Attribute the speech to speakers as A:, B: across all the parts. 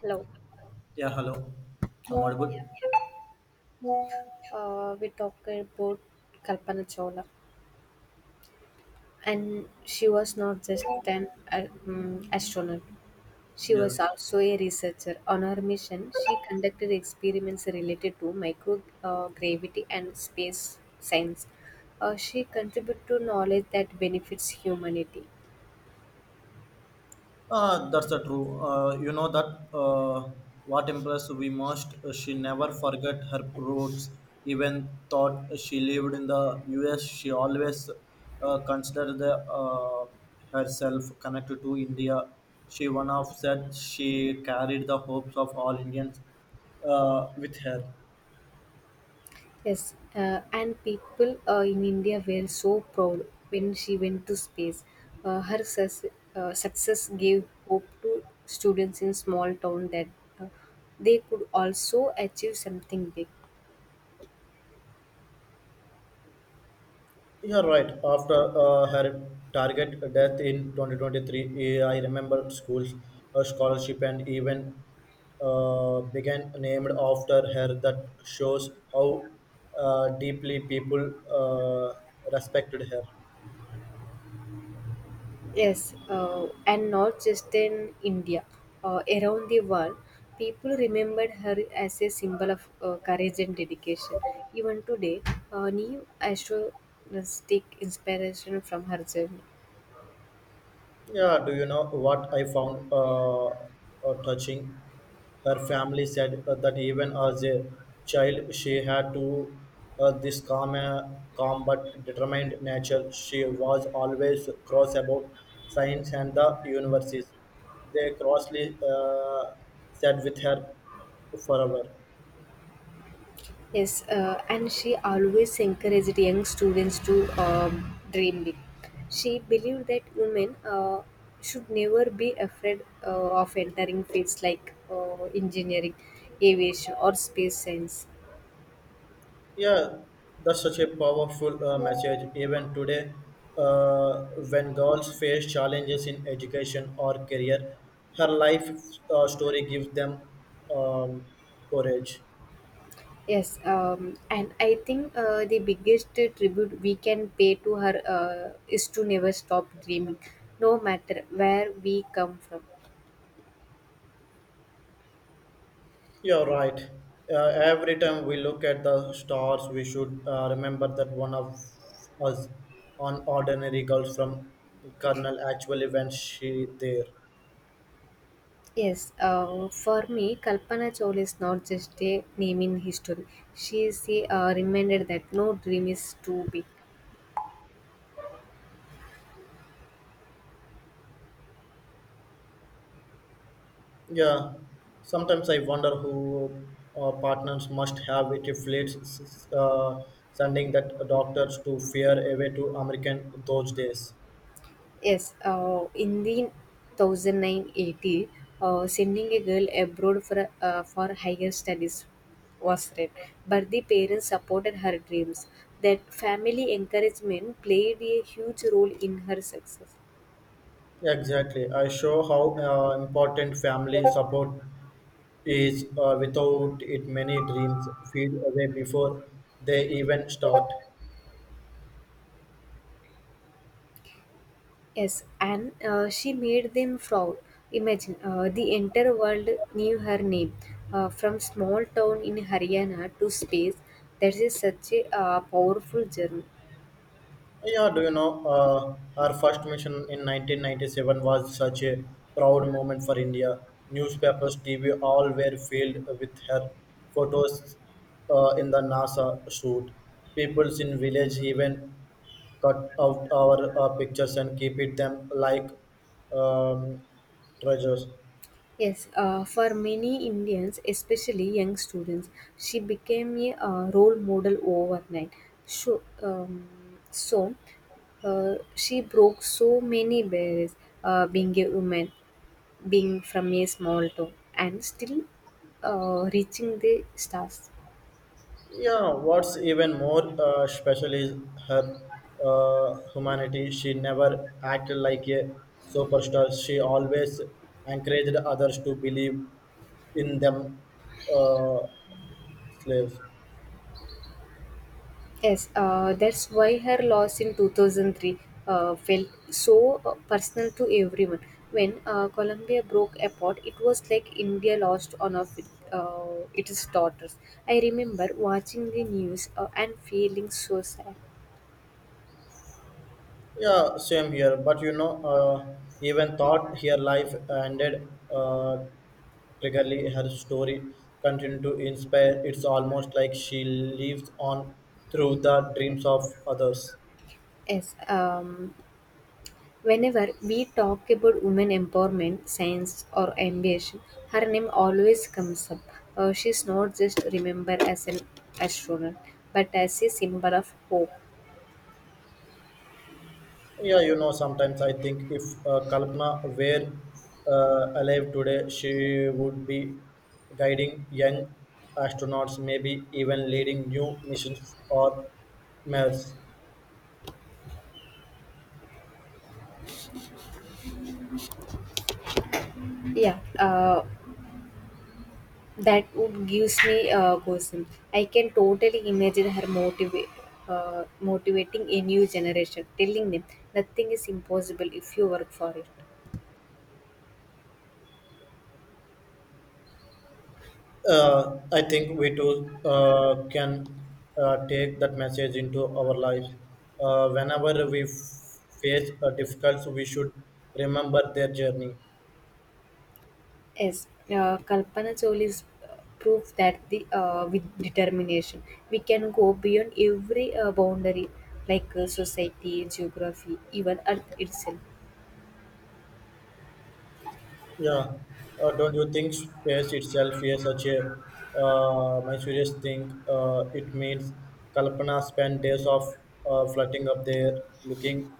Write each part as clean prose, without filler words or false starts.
A: Hello.
B: Yeah, hello. I'm yeah,
A: Yeah.
B: audible.
A: We talked about Kalpana Chawla, and she was not just an astronaut. She
B: Yeah,
A: was also a researcher. On her mission, she conducted experiments related to microgravity and space science. She contributed to knowledge that benefits humanity.
B: that's the true. You know that uh, what impressed we most. She never forget her roots. Even thought she lived in the U.S., she always considered uh, herself connected to India. She one of said she carried the hopes of all Indians with her.
A: Yes, and people in India were so proud when she went to space. Her success gave hope to students in small town that uh, they could also achieve something big.
B: You're right. After her target death in 2023, I remember schools, a scholarship, and even began named after her. That shows how deeply people respected her.
A: Yes, and not just in India, around the world, people remembered her as a symbol of courage and dedication. Even today, new astronauts take inspiration from her journey.
B: Yeah, do you know what I found touching? Her family said that even as a child, she had to this calm, calm but determined nature. She was always cross about science and the universes. They crossly sat with her forever.
A: Yes, and she always encouraged young students to dream big. She believed that women should never be afraid uh, of entering fields like engineering, aviation, or space science.
B: Yeah, that's such a powerful message. Even today, uh, when girls face challenges in education or career, her life story gives them um, courage.
A: Yes, and I think the biggest tribute we can pay to her is to never stop dreaming, no matter where we come from.
B: You're right. Every time we look at the stars, we should remember that one of us, an ordinary girl from Colonel, actually went she there.
A: Yes, for me, Kalpana Chawla is not just a name in history. She is a reminder that no dream is too big.
B: Yeah, sometimes I wonder who partners must have it reflects sending that doctors to fear away to American those days.
A: Yes, in the 1980, sending a girl abroad for higher studies was rare, but the parents supported her dreams. That family encouragement played a huge role in her success.
B: Exactly, I show how important family support is. Without it, many dreams fade away before they even start.
A: Yes, and she made them proud. Imagine the entire world knew her name. From small town in Haryana to space, that is such a powerful journey.
B: Yeah, do you know, our first mission in 1997 was such a proud moment for India. Newspapers, TV, all were filled with her photos in the NASA shoot. Peoples in village even cut out our pictures and keep it them like um, treasures.
A: Yes, for many Indians, especially young students, she became a role model overnight. So she broke so many barriers being a woman, being from a small town and still reaching the stars.
B: Yeah, what's even more special is her humanity. She never acted like a superstar. She always encouraged others to believe in them, uh, slaves.
A: Yes, that's why her loss in 2003 felt so personal to everyone. When Colombia broke apart, it was like India lost one of its daughters. I remember watching the news and feeling so sad.
B: Yeah, same here. But you know, even thought her life ended triggerly, her story continued to inspire. It's almost like she lives on through the dreams of others.
A: Yes, whenever we talk about women empowerment, science, or ambition, her name always comes up. She's not just remembered as an astronaut, but as a symbol of hope.
B: Yeah, you know, sometimes I think if Kalpana were alive today, she would be guiding young astronauts, maybe even leading new missions or Mars.
A: Yeah, that would gives me goosebumps. I can totally imagine her motivating a new generation, telling them nothing is impossible if you work for it.
B: I think we too can take that message into our lives. Whenever we face a difficult, we should remember their journey.
A: Yes, Kalpana Choli's proof that the with determination we can go beyond every boundary, like society, geography, even Earth itself.
B: Yeah, don't you think space itself is such a my serious thing? It means Kalpana spent days of floating up there, looking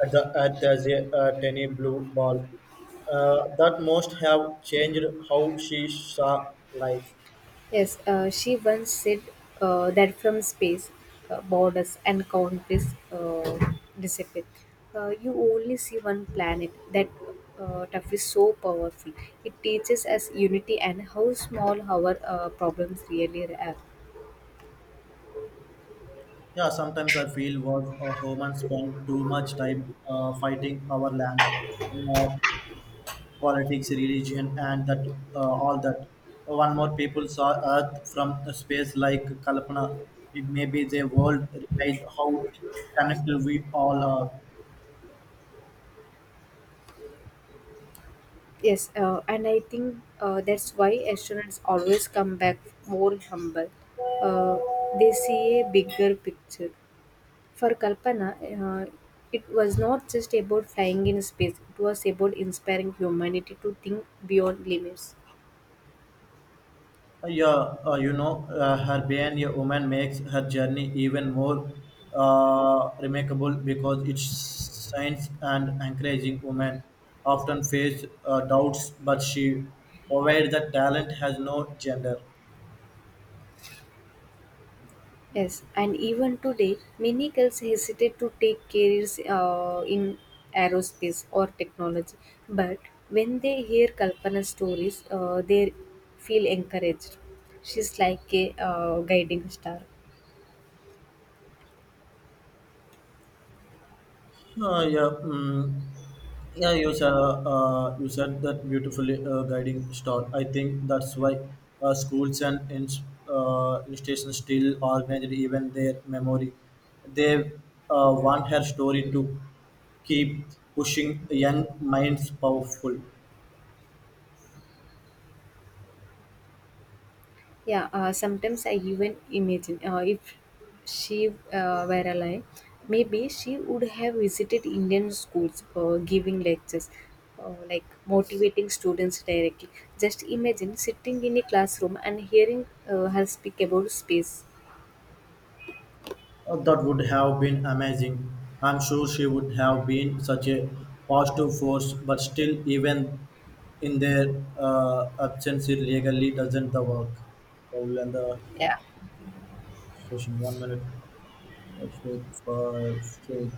B: at the tiny blue ball. That must have changed how she saw life.
A: Yes, she once said that from space, borders and countries disappear. You only see one planet. That stuff is so powerful. It teaches us unity and how small our problems really are.
B: Yeah, sometimes I feel was humans spend too much time fighting our land. Uh, Politics, religion, and that all that. One more people saw Earth from the space, like Kalpana. It may be the world realized how connected we all are.
A: Yes, and I think that's why astronauts always come back more humble. Uh, they see a bigger picture. For Kalpana, it was not just about flying in space, it was about inspiring humanity to think beyond limits.
B: Yeah, you know, her being a woman makes her journey even more remarkable because it shines and encouraging women often face doubts, but she provides that talent has no gender.
A: Yes, and even today, many girls hesitate to take careers in aerospace or technology. But when they hear Kalpana's stories, they feel encouraged. She's like a guiding star.
B: Yeah, mm, yeah. You said that beautifully guiding star. I think that's why schools and institutions still organize even their memory. They want her story to keep pushing young minds powerful.
A: Yeah, sometimes I even imagine if she were alive, maybe she would have visited Indian schools giving lectures, like motivating students directly. Just imagine sitting in a classroom and hearing her speak about space.
B: That would have been amazing. I'm sure she would have been such a positive force, but still, even in their absence, it legally doesn't the work. Probably and the
A: Yeah.
B: session one minute, five, six,